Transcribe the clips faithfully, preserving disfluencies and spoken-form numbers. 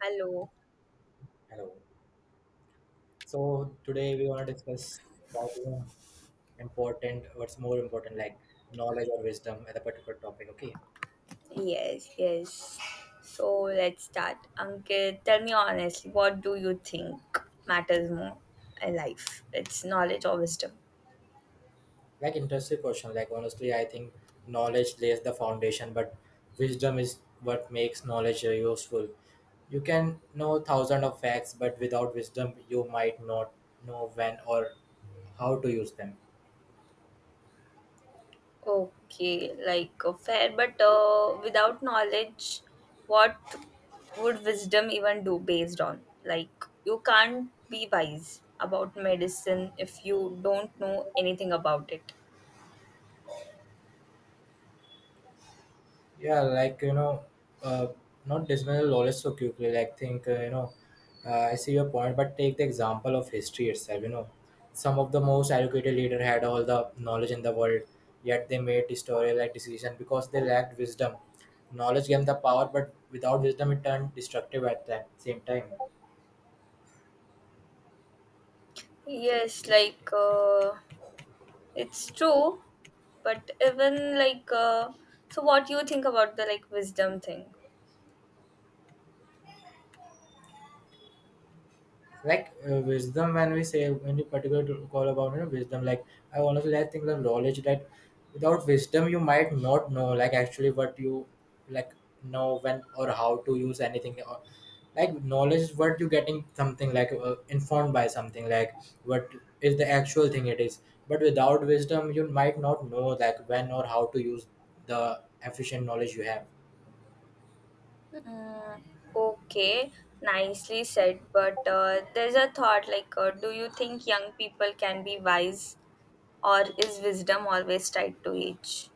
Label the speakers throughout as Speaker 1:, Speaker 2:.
Speaker 1: Hello.
Speaker 2: Hello. So today we want to discuss about you know, important, what's more important, like knowledge or wisdom at a particular topic. Okay,
Speaker 1: Yes, yes. So let's start. Ankit, tell me honestly, what do you think matters more in life? It's knowledge or wisdom?
Speaker 2: like interesting question. Like honestly, I think knowledge lays the foundation, but wisdom is what makes knowledge uh, useful. You can know thousand of facts, but without wisdom, you might not know when or how to use them.
Speaker 1: Okay, like uh, fair, but uh, without knowledge, what would wisdom even do based on? Like, you can't be wise about medicine if you don't know anything about it.
Speaker 2: Yeah, like you know uh, not dismantle knowledge so quickly. Like think, uh, you know uh, I see your point, but take the example of history itself. You know some of the most educated leader had all the knowledge in the world, yet they made historical like decision because they lacked wisdom. Knowledge gave them the power, but without wisdom it turned destructive at the same time.
Speaker 1: Yes, like uh, it's true, but even like, uh, so what do you think about the like wisdom thing?
Speaker 2: Like uh, wisdom, when we say when you particular to call about you know, wisdom, like I honestly I think the knowledge that without wisdom you might not know like actually what you like know when or how to use anything, or like knowledge is what you getting something like uh, informed by something, like what is the actual thing it is. But without wisdom you might not know like when or how to use the efficient knowledge you have.
Speaker 1: Mm, okay, nicely said, but uh, there's a thought like, uh, do you think young people can be wise, or is wisdom always tied to age?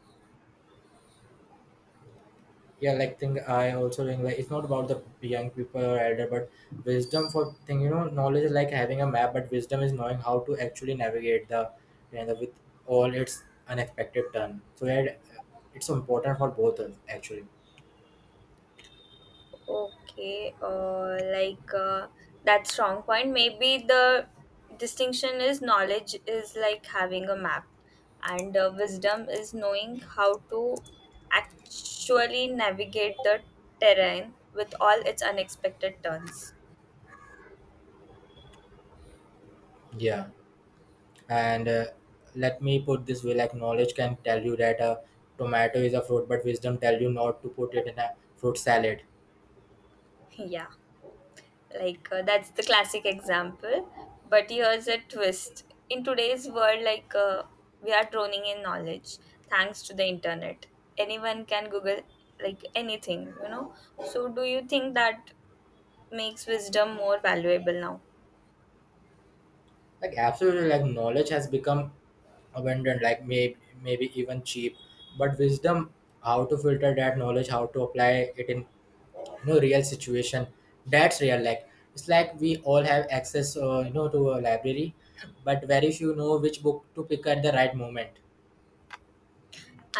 Speaker 2: Yeah, like thing I also think, like it's not about the young people or elder, but wisdom for thing you know knowledge is like having a map, but wisdom is knowing how to actually navigate the, you know, with all its unexpected turn. So yeah, it- it's important for both of actually.
Speaker 1: Okay, uh, like uh, that strong point. Maybe the distinction is knowledge is like having a map, and uh, wisdom is knowing how to actually navigate the terrain with all its unexpected turns.
Speaker 2: Yeah, and uh, let me put this way, like knowledge can tell you that a tomato is a fruit, but wisdom tell you not to put it in a fruit salad.
Speaker 1: Yeah. Like uh, that's the classic example, but here's a twist in today's world, like uh, we are droning in knowledge thanks to the internet. Anyone can google like anything you know So do you think that makes wisdom more valuable now?
Speaker 2: Like absolutely, like knowledge has become abundant, like maybe maybe even cheap. But wisdom, how to filter that knowledge, how to apply it in you know real situation, that's real. Like it's like we all have access uh, you know to a library, but very few know which book to pick at the right moment.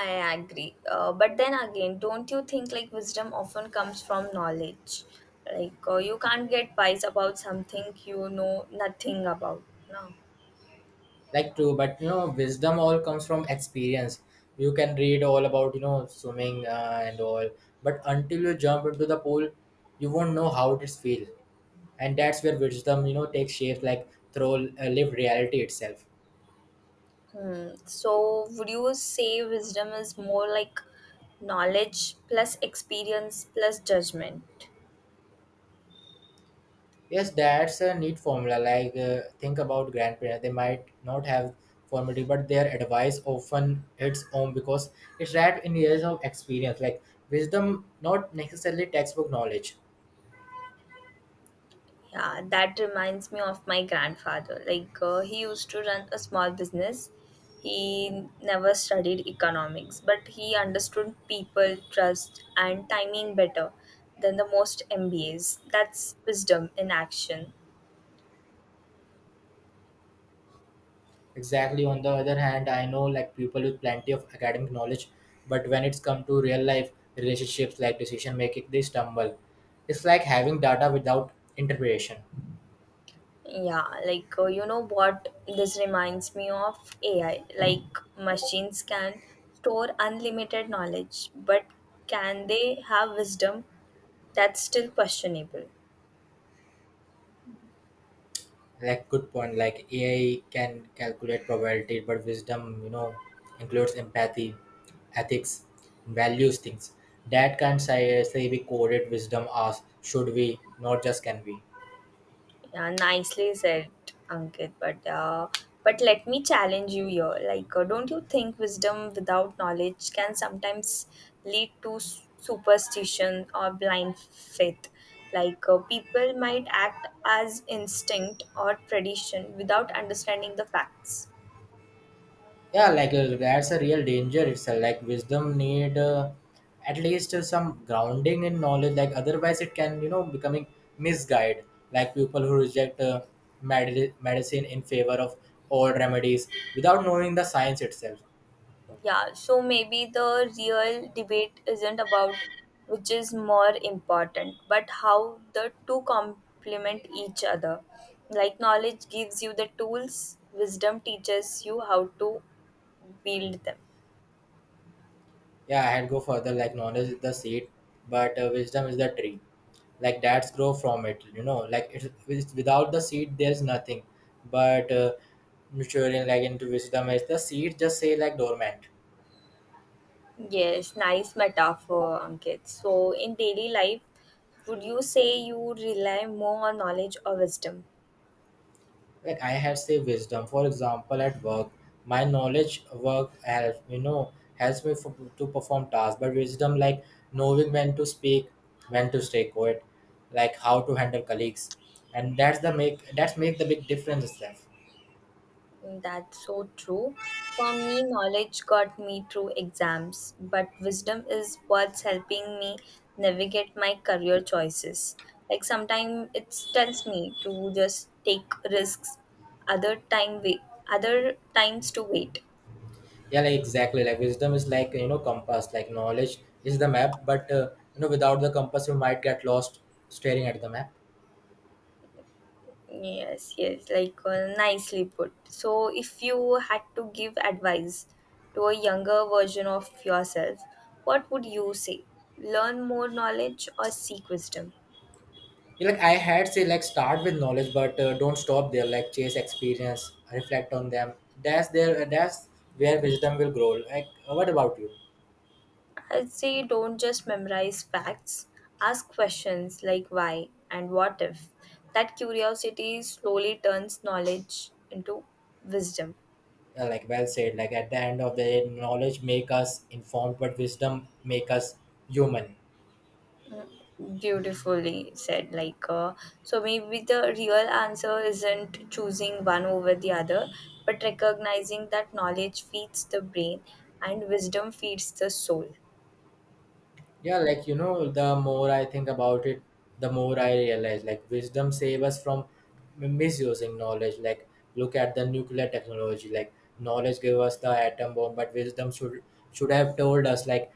Speaker 1: I agree, uh, but then again, don't you think like wisdom often comes from knowledge? Like uh, you can't get wise about something you know nothing about, no?
Speaker 2: Like true, but you know wisdom all comes from experience. You can read all about you know swimming uh, and all, but until you jump into the pool you won't know how it feels. And that's where wisdom you know takes shape, like through uh, live reality itself.
Speaker 1: Hmm. So, would you say wisdom is more like knowledge plus experience plus judgment?
Speaker 2: Yes, that's a neat formula. Like, uh, think about grandparents. They might not have formality, but their advice often hits home because it's wrapped in years of experience. Like, wisdom, not necessarily textbook knowledge.
Speaker 1: Yeah, that reminds me of my grandfather. Like, uh, he used to run a small business. He never studied economics, but he understood people, trust, and timing better than the most M B As. That's wisdom in action.
Speaker 2: Exactly. On the other hand, I know like people with plenty of academic knowledge, but when it's come to real life relationships, like decision making, they stumble. It's like having data without interpretation.
Speaker 1: Yeah, like uh, you know what this reminds me of? A I. Like machines can store unlimited knowledge, but can they have wisdom? That's still questionable.
Speaker 2: Like good point, like AI can calculate probability, but wisdom you know includes empathy, ethics, values, things that can say, say be coded. Wisdom as should we, not just can we.
Speaker 1: Yeah, nicely said, Ankit. But uh, but let me challenge you here. Like, uh, don't you think wisdom without knowledge can sometimes lead to s- superstition or blind faith? Like, uh, people might act as instinct or tradition without understanding the facts.
Speaker 2: Yeah, like uh, that's a real danger itself. Like wisdom need uh, at least uh, some grounding in knowledge, like otherwise it can you know becoming misguided, like people who reject uh, med- medicine in favor of old remedies without knowing the science itself.
Speaker 1: Yeah, so maybe the real debate isn't about which is more important, but how the two complement each other. Like, knowledge gives you the tools, wisdom teaches you how to build them.
Speaker 2: Yeah, I had go further. Like knowledge is the seed, but uh, wisdom is the tree. Like dads grow from it. You know, like it's, it's without the seed, there's nothing. But uh, maturing like into wisdom is the seed. Just say like dormant.
Speaker 1: Yes, nice metaphor, Ankit. So, in daily life, would you say you rely more on knowledge or wisdom?
Speaker 2: Like I had say wisdom. For example, at work, my knowledge work help you know helps me for, to perform tasks. But wisdom, like knowing when to speak, when to stay quiet, like how to handle colleagues, and that's the make that's make the big difference itself.
Speaker 1: That's so true. For me, knowledge got me through exams, but wisdom is what's helping me navigate my career choices. Like sometimes it tells me to just take risks, other time wait, other times to wait.
Speaker 2: Yeah, like exactly, like wisdom is like you know compass. Like knowledge is the map, but uh, you know without the compass you might get lost staring at the map.
Speaker 1: Yes, yes, like uh, nicely put. So, if you had to give advice to a younger version of yourself, what would you say? Learn more knowledge or seek wisdom?
Speaker 2: Yeah, like I had say, like start with knowledge, but uh, don't stop there. Like chase experience, reflect on them. That's there that's where wisdom will grow. Like uh, what about you?
Speaker 1: I'd say don't just memorize facts. Ask questions like why and what if. That curiosity slowly turns knowledge into wisdom.
Speaker 2: Uh, like well said. Like at the end of the day, knowledge make us informed, but wisdom make us human.
Speaker 1: Beautifully said. Like, uh, so maybe the real answer isn't choosing one over the other, but recognizing that knowledge feeds the brain and wisdom feeds the soul.
Speaker 2: Yeah, like you know, the more I think about it, the more I realize like wisdom save us from m- misusing knowledge. Like look at the nuclear technology. Like knowledge gave us the atom bomb, but wisdom should should have told us like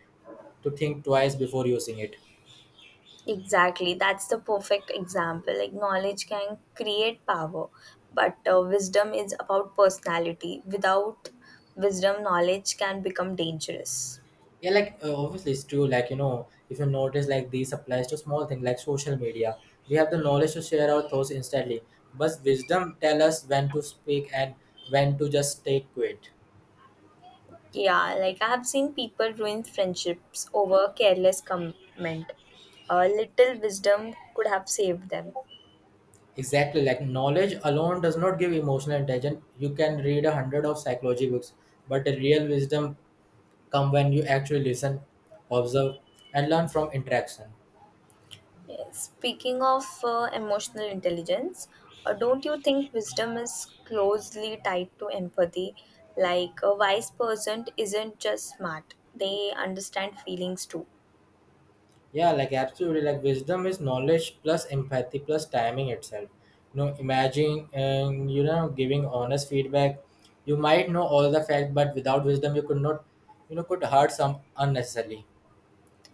Speaker 2: to think twice before using it.
Speaker 1: Exactly, that's the perfect example. Like, knowledge can create power, but uh, wisdom is about personality. Without wisdom, knowledge can become dangerous.
Speaker 2: Yeah, like uh, obviously it's true. Like you know, if you notice, like these applies to small things like social media. We have the knowledge to share our thoughts instantly, but wisdom tell us when to speak and when to just stay quiet.
Speaker 1: Yeah, like I have seen people ruin friendships over careless comment. A little wisdom could have saved them.
Speaker 2: Exactly, like knowledge alone does not give emotional intelligence. You can read a hundred of psychology books, but the real wisdom come when you actually listen, observe, and learn from interaction.
Speaker 1: Speaking of uh, emotional intelligence, uh, don't you think wisdom is closely tied to empathy? Like a wise person isn't just smart, they understand feelings too.
Speaker 2: Yeah, like absolutely, like wisdom is knowledge plus empathy plus timing itself. You know, imagine and you know giving honest feedback. You might know all the facts, but without wisdom, you could not, you know, could hurt some unnecessarily.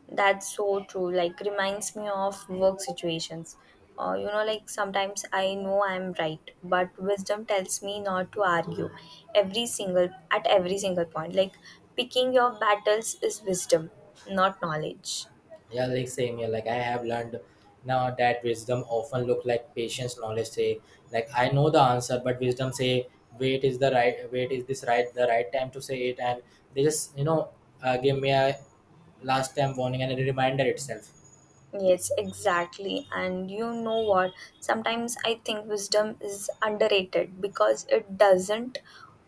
Speaker 1: That's so true. Like, reminds me of work situations. Uh, you know, like sometimes I know I'm right, but wisdom tells me not to argue every single at every single point. Like, picking your battles is wisdom, not knowledge.
Speaker 2: Yeah, like same here. Like I have learned now that wisdom often look like patience, knowledge. Say like I know the answer, but wisdom say wait is the right wait is this right the right time to say it, and they just you know uh, give me a last time warning and a reminder itself.
Speaker 1: Yes, exactly. And you know what? Sometimes I think wisdom is underrated because it doesn't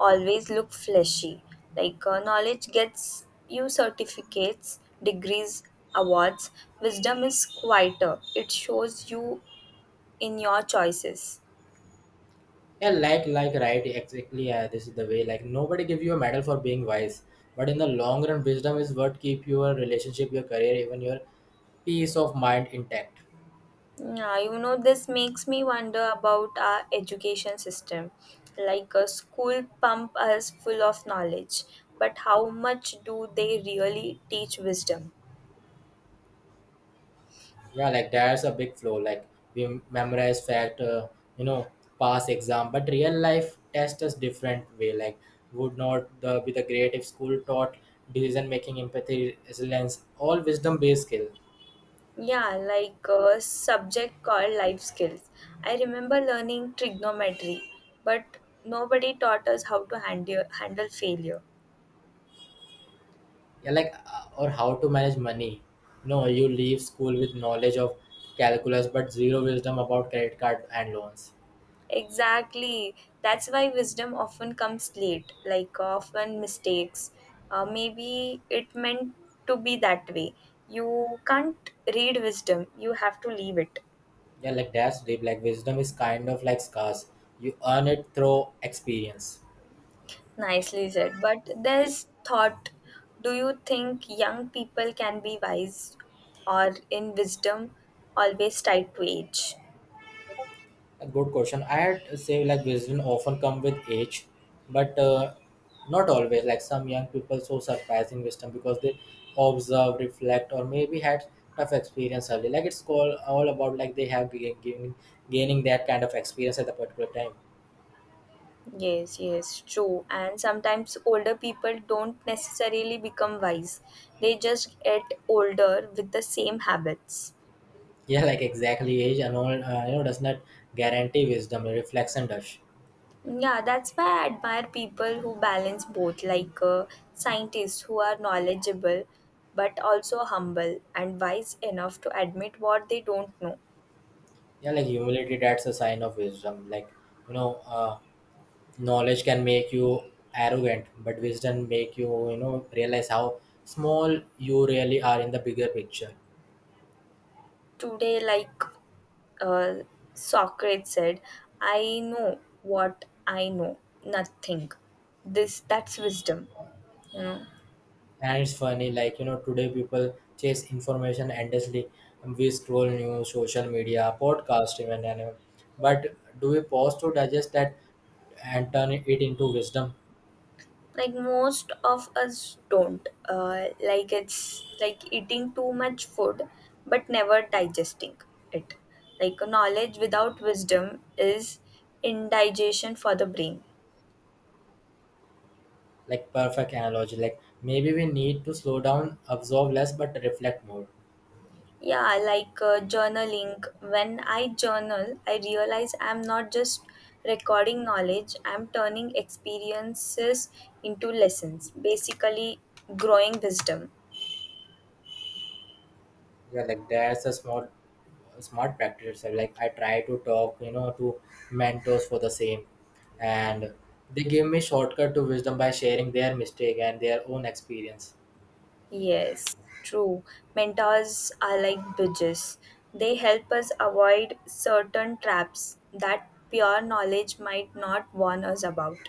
Speaker 1: always look flashy. Like uh, knowledge gets you certificates, degrees, awards. Wisdom is quieter, it shows you in your choices.
Speaker 2: Yeah, like like right exactly. Yeah, this is the way. Like nobody give you a medal for being wise, but in the long run, wisdom is what keep your relationship, your career, even your peace of mind intact.
Speaker 1: Yeah, you know, this makes me wonder about our education system. Like a school pump us full of knowledge, but how much do they really teach wisdom?
Speaker 2: Yeah, like there's a big flow. Like we memorize fact, uh, you know, pass exam, but real life test is different way. Like would not the be the great if school taught decision making, empathy, resilience, all wisdom based skill.
Speaker 1: Yeah, like a subject called life skills. I remember learning trigonometry, but nobody taught us how to handle handle failure.
Speaker 2: Yeah, like uh, or how to manage money. No, you leave school with knowledge of calculus, but zero wisdom about credit card and loans.
Speaker 1: Exactly. That's why wisdom often comes late, like uh, often mistakes. Uh, maybe it meant to be that way. You can't read wisdom, you have to leave it.
Speaker 2: Yeah, like that's deep. Like wisdom is kind of like scars. You earn it through experience.
Speaker 1: Nicely said. But there's thought, do you think young people can be wise, or in wisdom, always tied to age?
Speaker 2: A good question. I had say like wisdom often come with age, but uh, not always. Like some young people so surprising wisdom because they observe, reflect, or maybe had tough experience early. Like it's called all about like they have gain, gain, gaining that kind of experience at a particular time.
Speaker 1: Yes, yes, true. And sometimes older people don't necessarily become wise, they just get older with the same habits.
Speaker 2: Yeah, like exactly, age and all uh, you know does not guarantee wisdom. Reflection does.
Speaker 1: Yeah, that's why I admire people who balance both, like uh, scientists who are knowledgeable but also humble and wise enough to admit what they don't know.
Speaker 2: Yeah, like humility, that's a sign of wisdom. Like you know. Uh, Knowledge can make you arrogant, but wisdom make you you know realize how small you really are in the bigger picture.
Speaker 1: Today, like uh, Socrates said, I know what I know, nothing. This that's wisdom, you know.
Speaker 2: And it's funny, like you know today people chase information endlessly. We scroll news, social media, podcast even, and uh, but do we pause to digest that and turn it into wisdom?
Speaker 1: Like most of us don't, uh, like it's like eating too much food but never digesting it. Like knowledge without wisdom is indigestion for the brain.
Speaker 2: Like perfect analogy, like maybe we need to slow down, absorb less but reflect more.
Speaker 1: Yeah, like uh, journaling, when I journal I realize I'm not just recording knowledge, I'm turning experiences into lessons, basically growing wisdom.
Speaker 2: Yeah, like that's a smart, smart practice. So, like I try to talk, you know, to mentors for the same, and they give me shortcut to wisdom by sharing their mistake and their own experience.
Speaker 1: Yes, true. Mentors are like bridges. They help us avoid certain traps that pure knowledge might not warn us about.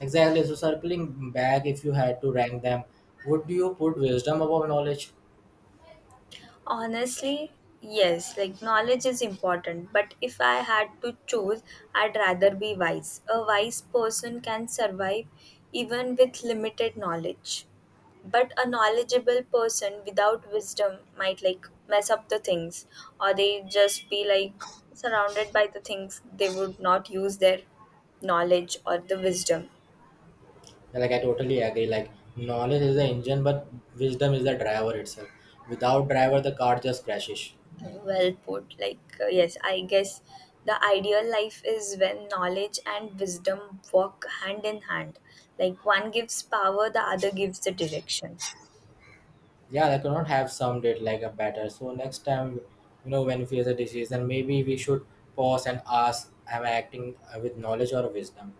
Speaker 2: Exactly. So circling back, if you had to rank them, would you put wisdom above knowledge?
Speaker 1: Honestly, yes, like knowledge is important, but if I had to choose, I'd rather be wise. A wise person can survive even with limited knowledge. But a knowledgeable person without wisdom might like mess up the things or they just be like surrounded by the things they would not use their knowledge or the wisdom.
Speaker 2: Yeah, like I totally agree. Like knowledge is the engine, but wisdom is the driver itself. Without driver, the car just crashes.
Speaker 1: Well put. Like, uh, yes, I guess the ideal life is when knowledge and wisdom walk hand in hand. Like, one gives power, the other gives the direction.
Speaker 2: Yeah, I could not have summed it like a better. So next time, you know, when we face a decision, maybe we should pause and ask, am I acting uh, with knowledge or wisdom?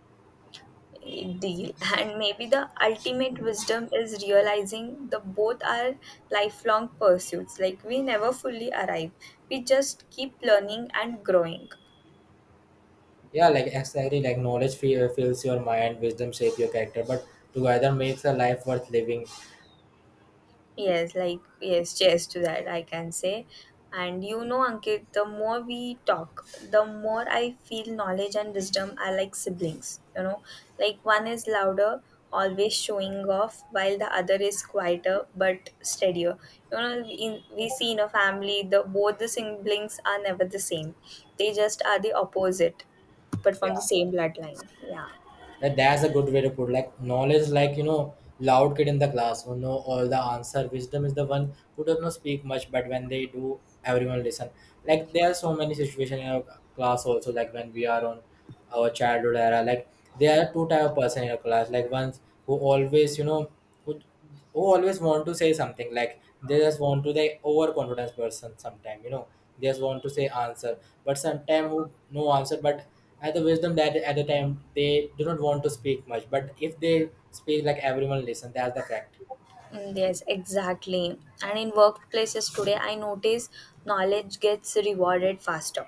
Speaker 1: Eh, deal. And maybe the ultimate wisdom is realizing the both are lifelong pursuits. Like, we never fully arrive, we just keep learning and growing.
Speaker 2: Yeah, like exactly, like knowledge fi- fills your mind, wisdom shapes your character, but together makes a life worth living.
Speaker 1: Yes, like, yes, cheers to that, I can say. And you know, Ankit, the more we talk, the more I feel knowledge and wisdom are like siblings, you know. Like, one is louder, always showing off, while the other is quieter but steadier. You know, in, we see in a family, the both the siblings are never the same. They just are the opposite, but from the
Speaker 2: Yeah.
Speaker 1: same bloodline. Yeah.
Speaker 2: that that's a good way to put. Like knowledge, like you know loud kid in the class who know all the answer. Wisdom is the one who does not speak much, but when they do everyone listen. Like there are so many situations in our class also, like when we are on our childhood era, like there are two type of person in our class, like ones who always you know, who who always want to say something, like they just want to, they overconfidence person sometime you know, they just want to say answer. But sometime who no answer, but at the wisdom that at the time they do not want to speak much, but if they speak like everyone listen, that's the fact.
Speaker 1: Mm, yes, exactly. And in workplaces today, I notice knowledge gets rewarded faster.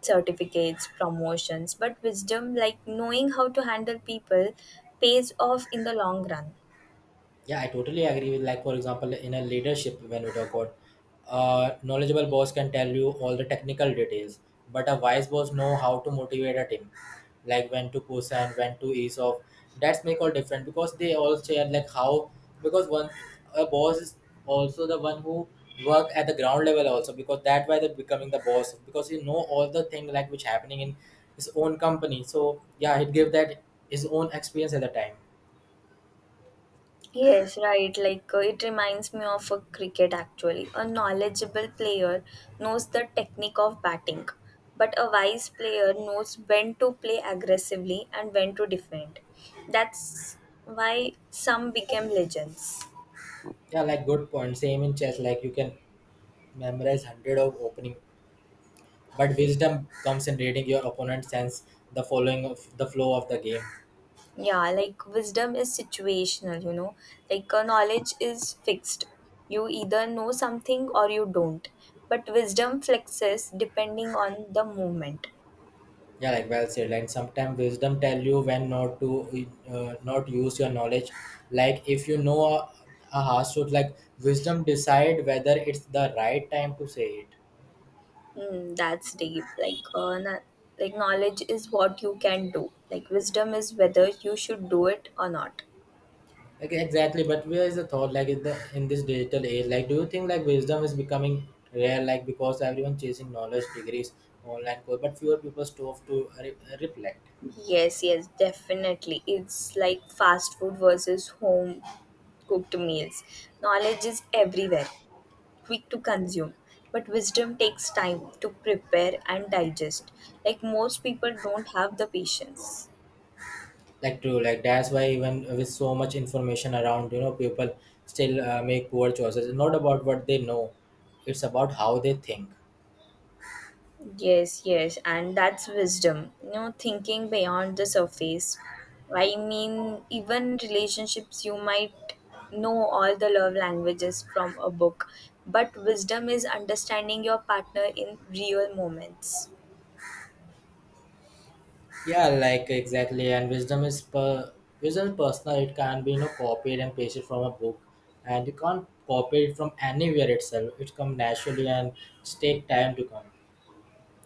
Speaker 1: Certificates, promotions, but wisdom, like knowing how to handle people, pays off in the long run.
Speaker 2: Yeah, I totally agree with, like for example in a leadership when we talk about uh, knowledgeable boss can tell you all the technical details, but a wise boss know how to motivate a team, like when to push and when to ease off. That's make all different because they all share like how because one a boss is also the one who work at the ground level also because that why they're becoming the boss because he know all the thing like which happening in his own company. So yeah, he give that his own experience at the time.
Speaker 1: Yes, right. Like uh, it reminds me of a cricket actually. A knowledgeable player knows the technique of batting, but a wise player knows when to play aggressively and when to defend. That's why some became legends.
Speaker 2: Yeah, like good point. Same in chess, like you can memorize hundred of opening, but wisdom comes in reading your opponent's sense, the following of the flow of the game.
Speaker 1: Yeah, like wisdom is situational, you know. Like uh, knowledge is fixed. You either know something or you don't. But wisdom flexes depending on the moment.
Speaker 2: Yeah, like well said. And sometimes wisdom tell you when not to uh, not use your knowledge. Like if you know a, a harsh truth, like wisdom decide whether it's the right time to say it.
Speaker 1: Mm, that's deep. Like, uh, na- like knowledge is what you can do. Like wisdom is whether you should do it or not.
Speaker 2: Okay, exactly. But where is the thought like in the in this digital age? Like, do you think like wisdom is becoming rare? Like because everyone chasing knowledge, degrees, online course, but fewer people stop to re- reflect.
Speaker 1: Yes, yes, definitely. It's like fast food versus home cooked meals. Knowledge is everywhere, quick to consume, but wisdom takes time to prepare and digest. Like most people don't have the patience.
Speaker 2: Like true, like that's why even with so much information around, you know, people still uh, make poor choices. It's not about what they know; it's about how they think.
Speaker 1: Yes, yes, and that's wisdom, you know, thinking beyond the surface. I mean, even relationships, you might know all the love languages from a book, but wisdom is understanding your partner in real moments.
Speaker 2: Yeah, like exactly. And wisdom is per wisdom is personal. It can be you know copied and pasted from a book, and you can't copy it from anywhere itself. It come naturally and it's take time to come.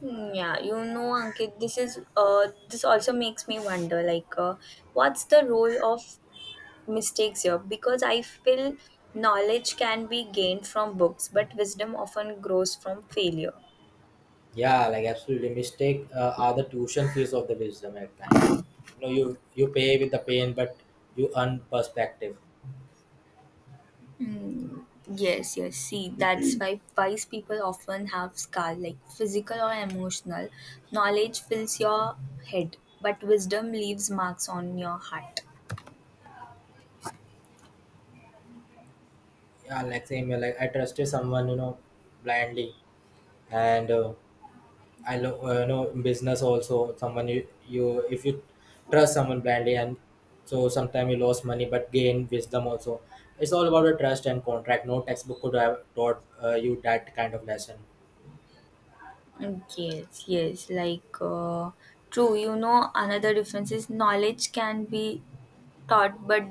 Speaker 1: Hmm, yeah, you know, Ankit, this is uh, this also makes me wonder, like, uh, what's the role of mistakes here, because I feel knowledge can be gained from books, but wisdom often grows from failure.
Speaker 2: Yeah, like absolutely. Mistake uh, are the tuition fees of the wisdom, like, kind of. You know, you you pay with the pain, but you earn perspective.
Speaker 1: Mm, yes, yes. See, that's why wise people often have scar, like physical or emotional. Knowledge fills your head, but wisdom leaves marks on your heart.
Speaker 2: Yeah, like same. Here, like I trusted someone, you know, blindly, and uh, I know, uh, you know business also someone you, you if you trust someone blindly and so sometimes you lose money but gain wisdom also. It's all about the trust and contract. No textbook could have taught uh, you that kind of lesson.
Speaker 1: Mm, yes, yes. Like, uh, true. You know, another difference is knowledge can be taught but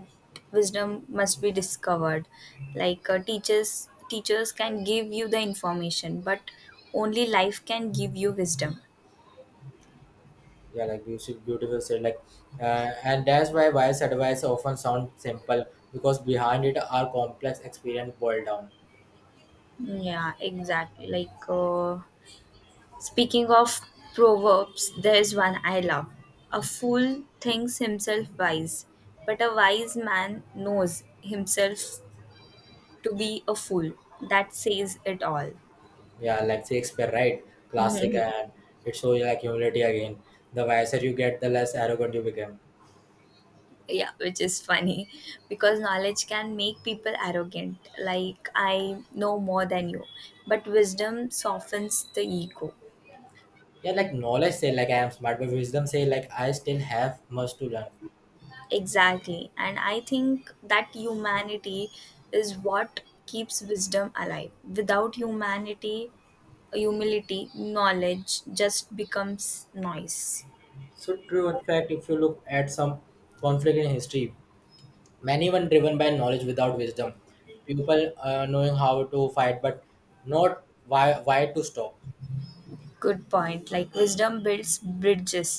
Speaker 1: wisdom must be discovered. like uh, teachers teachers can give you the information, but only life can give you wisdom.
Speaker 2: Yeah, like beautiful, beautiful said. Like, uh, and that's why wise advice often sound simple because behind it are complex experience boiled down.
Speaker 1: Yeah, exactly, like uh, speaking of proverbs, there is one I love: a fool thinks himself wise, but a wise man knows himself to be a fool. That says it all.
Speaker 2: Yeah, like Shakespeare, right? Classic, and it shows you like humility again. The wiser you get, the less arrogant you become.
Speaker 1: Yeah, which is funny, because knowledge can make people arrogant, like I know more than you, but wisdom softens the ego.
Speaker 2: Yeah, like knowledge say like I am smart, but wisdom say like I still have much to learn.
Speaker 1: Exactly, and I think that humanity is what keeps wisdom alive. Without humanity, humility, knowledge just becomes noise.
Speaker 2: So true. In fact, if you look at some conflict in history, many were driven by knowledge without wisdom. People uh, knowing how to fight, but not why why to stop.
Speaker 1: Good point, like wisdom builds bridges,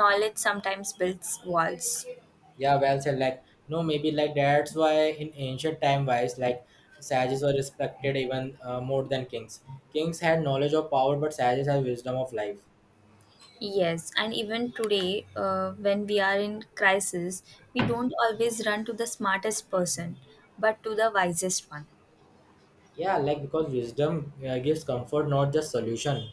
Speaker 1: knowledge sometimes builds walls.
Speaker 2: Yeah, well said. Like no, maybe like that's why in ancient time wise, like sages were respected even uh, more than kings. Kings had knowledge of power, but sages had wisdom of life.
Speaker 1: Yes, and even today, uh, when we are in crisis, we don't always run to the smartest person, but to the wisest one.
Speaker 2: Yeah, like because wisdom uh, gives comfort, not just solution.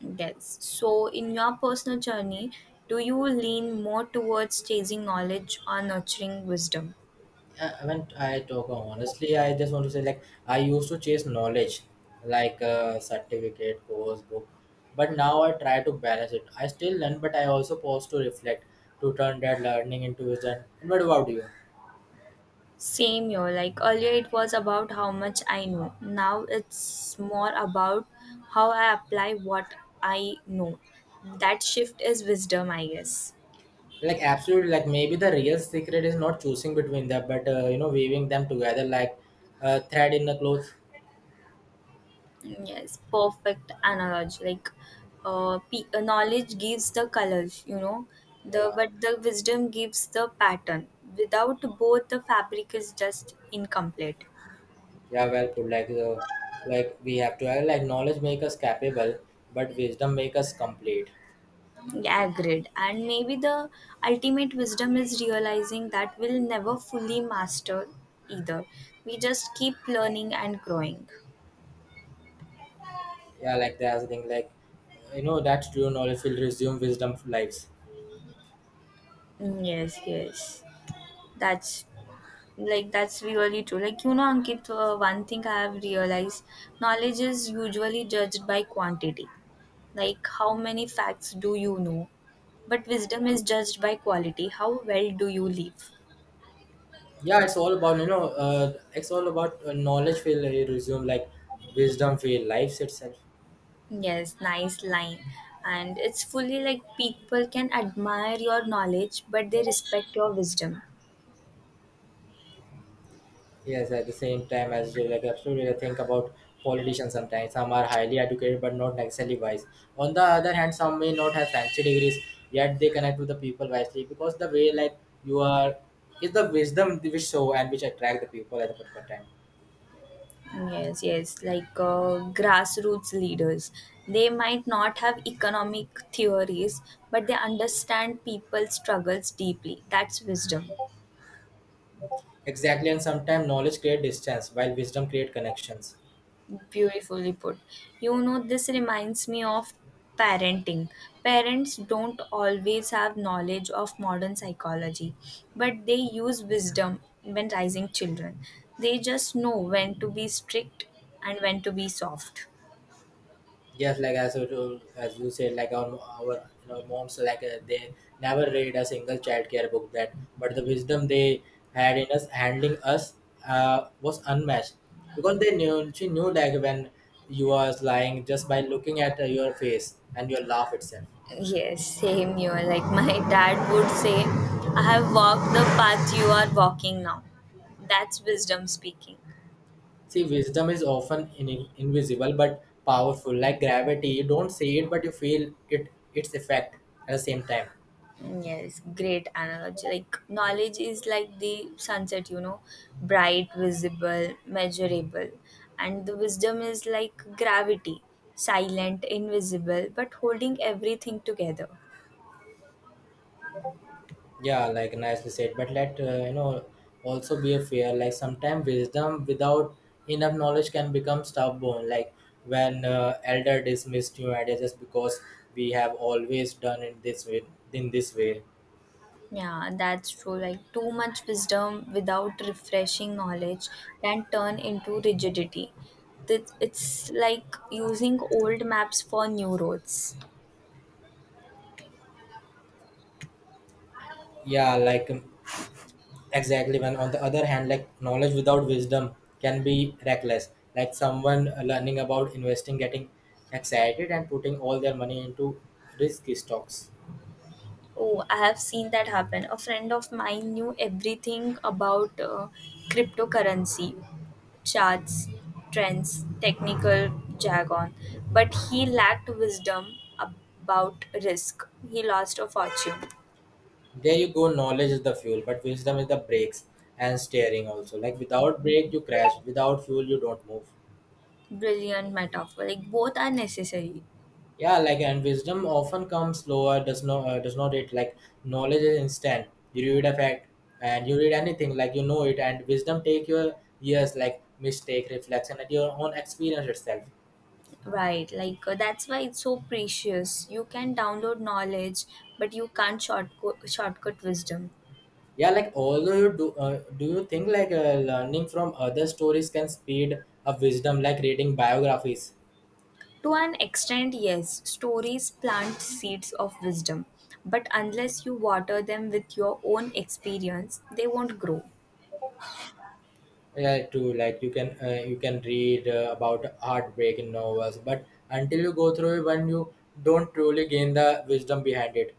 Speaker 1: Yes. So, in your personal journey, do you lean more towards chasing knowledge or nurturing wisdom?
Speaker 2: I I mean, I talk honestly. I just want to say, like, I used to chase knowledge, like uh, certificate, course, book, but now I try to balance it. I still learn, but I also pause to reflect to turn that learning into wisdom. And what about you?
Speaker 1: Same here. Like earlier, it was about how much I know. Now it's more about how I apply what I know. That shift is wisdom, I guess.
Speaker 2: Like, absolutely, like maybe the real secret is not choosing between them, but uh, you know, weaving them together like a thread in a cloth.
Speaker 1: Yes, perfect analogy. Like, uh, pe- uh, knowledge gives the colors, you know, the
Speaker 2: Yeah,
Speaker 1: but the wisdom gives the pattern. Without both, the fabric is just incomplete.
Speaker 2: yeah, well put. Like, uh, like we have to have like knowledge make us capable, but wisdom make us complete.
Speaker 1: Yeah, agreed. And maybe the ultimate wisdom is realizing that we'll never fully master either. We just keep learning and growing.
Speaker 2: Yeah, like that's the thing. Like, uh, you know, that true knowledge will resume wisdom lives.
Speaker 1: Mm, yes, yes. That's, like that's really true. Like you know, Ankit, uh, one thing I have realized: knowledge is usually judged by quantity, like how many facts do you know. But wisdom is judged by quality. How well do you live?
Speaker 2: Yeah, it's all about you know, uh, it's all about uh, knowledge will resume like wisdom will lives itself.
Speaker 1: Yes, nice line. And it's fully like people can admire your knowledge, but they respect your wisdom.
Speaker 2: Yes, at the same time as well, like absolutely, I think about politicians sometimes. Some are highly educated but not necessarily wise. On the other hand, some may not have fancy degrees, yet they connect with the people wisely because the way like you are is the wisdom which show and which attract the people at the particular time.
Speaker 1: Yes, yes, like uh, grassroots leaders. They might not have economic theories, but they understand people's struggles deeply. That's wisdom.
Speaker 2: Exactly, and sometimes knowledge create distance while wisdom create connections.
Speaker 1: Beautifully put. You know, this reminds me of parenting. Parents don't always have knowledge of modern psychology, but they use wisdom when raising children. They just know when to be strict and when to be soft.
Speaker 2: Yes, like as you- as you said, like our our you know moms like uh, they never read a single childcare book that, but the wisdom they had in us handling us uh, was unmatched because they knew she knew like when you are lying just by looking at uh, your face and your laugh itself.
Speaker 1: Yes, same here. Like my dad would say, I have walked the path you are walking now. That's wisdom speaking.
Speaker 2: See, wisdom is often in, invisible but powerful, like gravity. You don't see it, but you feel it its effect at the same time.
Speaker 1: Yes, great analogy. Like knowledge is like the sunset, you know, bright, visible, measurable. And the wisdom is like gravity, silent, invisible, but holding everything together.
Speaker 2: Yeah, like nicely said. But let uh, you know also be a fear. Like sometimes wisdom without enough knowledge can become stubborn. Like when uh, elder dismissed new ideas just because we have always done it this way. In this way,
Speaker 1: Yeah, that's true. Like, too much wisdom without refreshing knowledge can turn into rigidity. Th- It's like using old maps for new roads.
Speaker 2: yeah, like um, exactly. When on the other hand, like knowledge without wisdom can be reckless. Like someone uh, learning about investing, getting excited, and putting all their money into risky stocks.
Speaker 1: Oh, I have seen that happen. A friend of mine knew everything about uh, cryptocurrency, charts, trends, technical jargon, but he lacked wisdom about risk. He lost a fortune.
Speaker 2: There you go, knowledge is the fuel but wisdom is the brakes and steering also, like without brake you crash, without fuel you don't move.
Speaker 1: Brilliant metaphor. Like, both are necessary.
Speaker 2: Yeah, like and wisdom often comes slower, does not uh, does not it, like knowledge is instant, you read a fact and you read anything like you know it, and wisdom take your years like mistake reflection at your own experience itself.
Speaker 1: Right, like uh, that's why it's so precious. You can download knowledge, but you can't shortcut, shortcut wisdom.
Speaker 2: Yeah, like although you do uh, do you think like uh, learning from other stories can speed up wisdom, like reading biographies.
Speaker 1: To an extent, yes, stories plant seeds of wisdom, but unless you water them with your own experience, they won't grow.
Speaker 2: Yeah, true, like you can uh, you can read uh, about heartbreak in novels but until you go through it when you don't truly gain the wisdom behind it.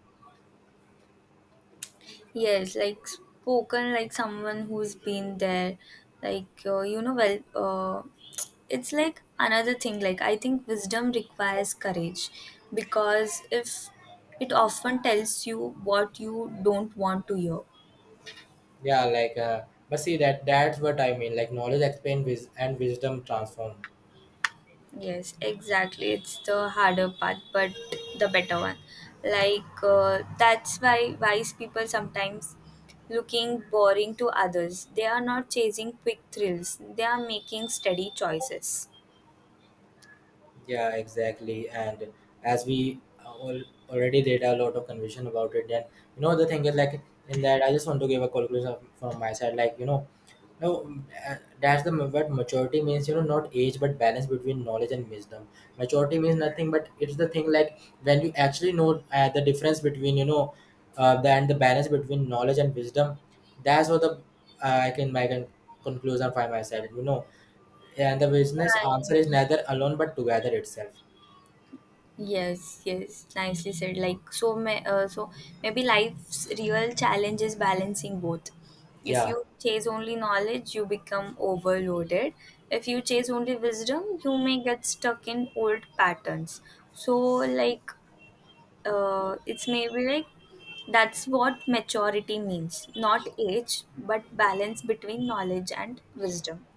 Speaker 1: Yes, like spoken like someone who's been there, like uh, you know, well, uh, it's like another thing. Like, I think wisdom requires courage because if it often tells you what you don't want to hear.
Speaker 2: Yeah, like uh, but see that that's what I mean, like knowledge expand wis- and wisdom transform.
Speaker 1: Yes, exactly. It's the harder part, but the better one. Like, uh, that's why wise people sometimes looking boring to others. They are not chasing quick thrills, they are making steady choices.
Speaker 2: Yeah, exactly. And as we uh, all already did a lot of conversation about it, then you know the thing is like in that I just want to give a conclusion from my side. Like you know, no, uh, that's the what maturity means. You know, not age, but balance between knowledge and wisdom. Maturity means nothing, but it's the thing like when you actually know uh, the difference between you know, uh, the, and the balance between knowledge and wisdom. That's what the uh, I can my con- conclusion by myself. You know, yeah, and the business
Speaker 1: Yeah.
Speaker 2: answer is neither alone but together itself.
Speaker 1: Yes, yes, nicely said. Like so, may, uh, so maybe life's real challenge is balancing both. If
Speaker 2: Yeah.
Speaker 1: you chase only knowledge, you become overloaded. If you chase only wisdom, you may get stuck in old patterns. So, like, uh, it's maybe like that's what maturity means, not age, but balance between knowledge and wisdom.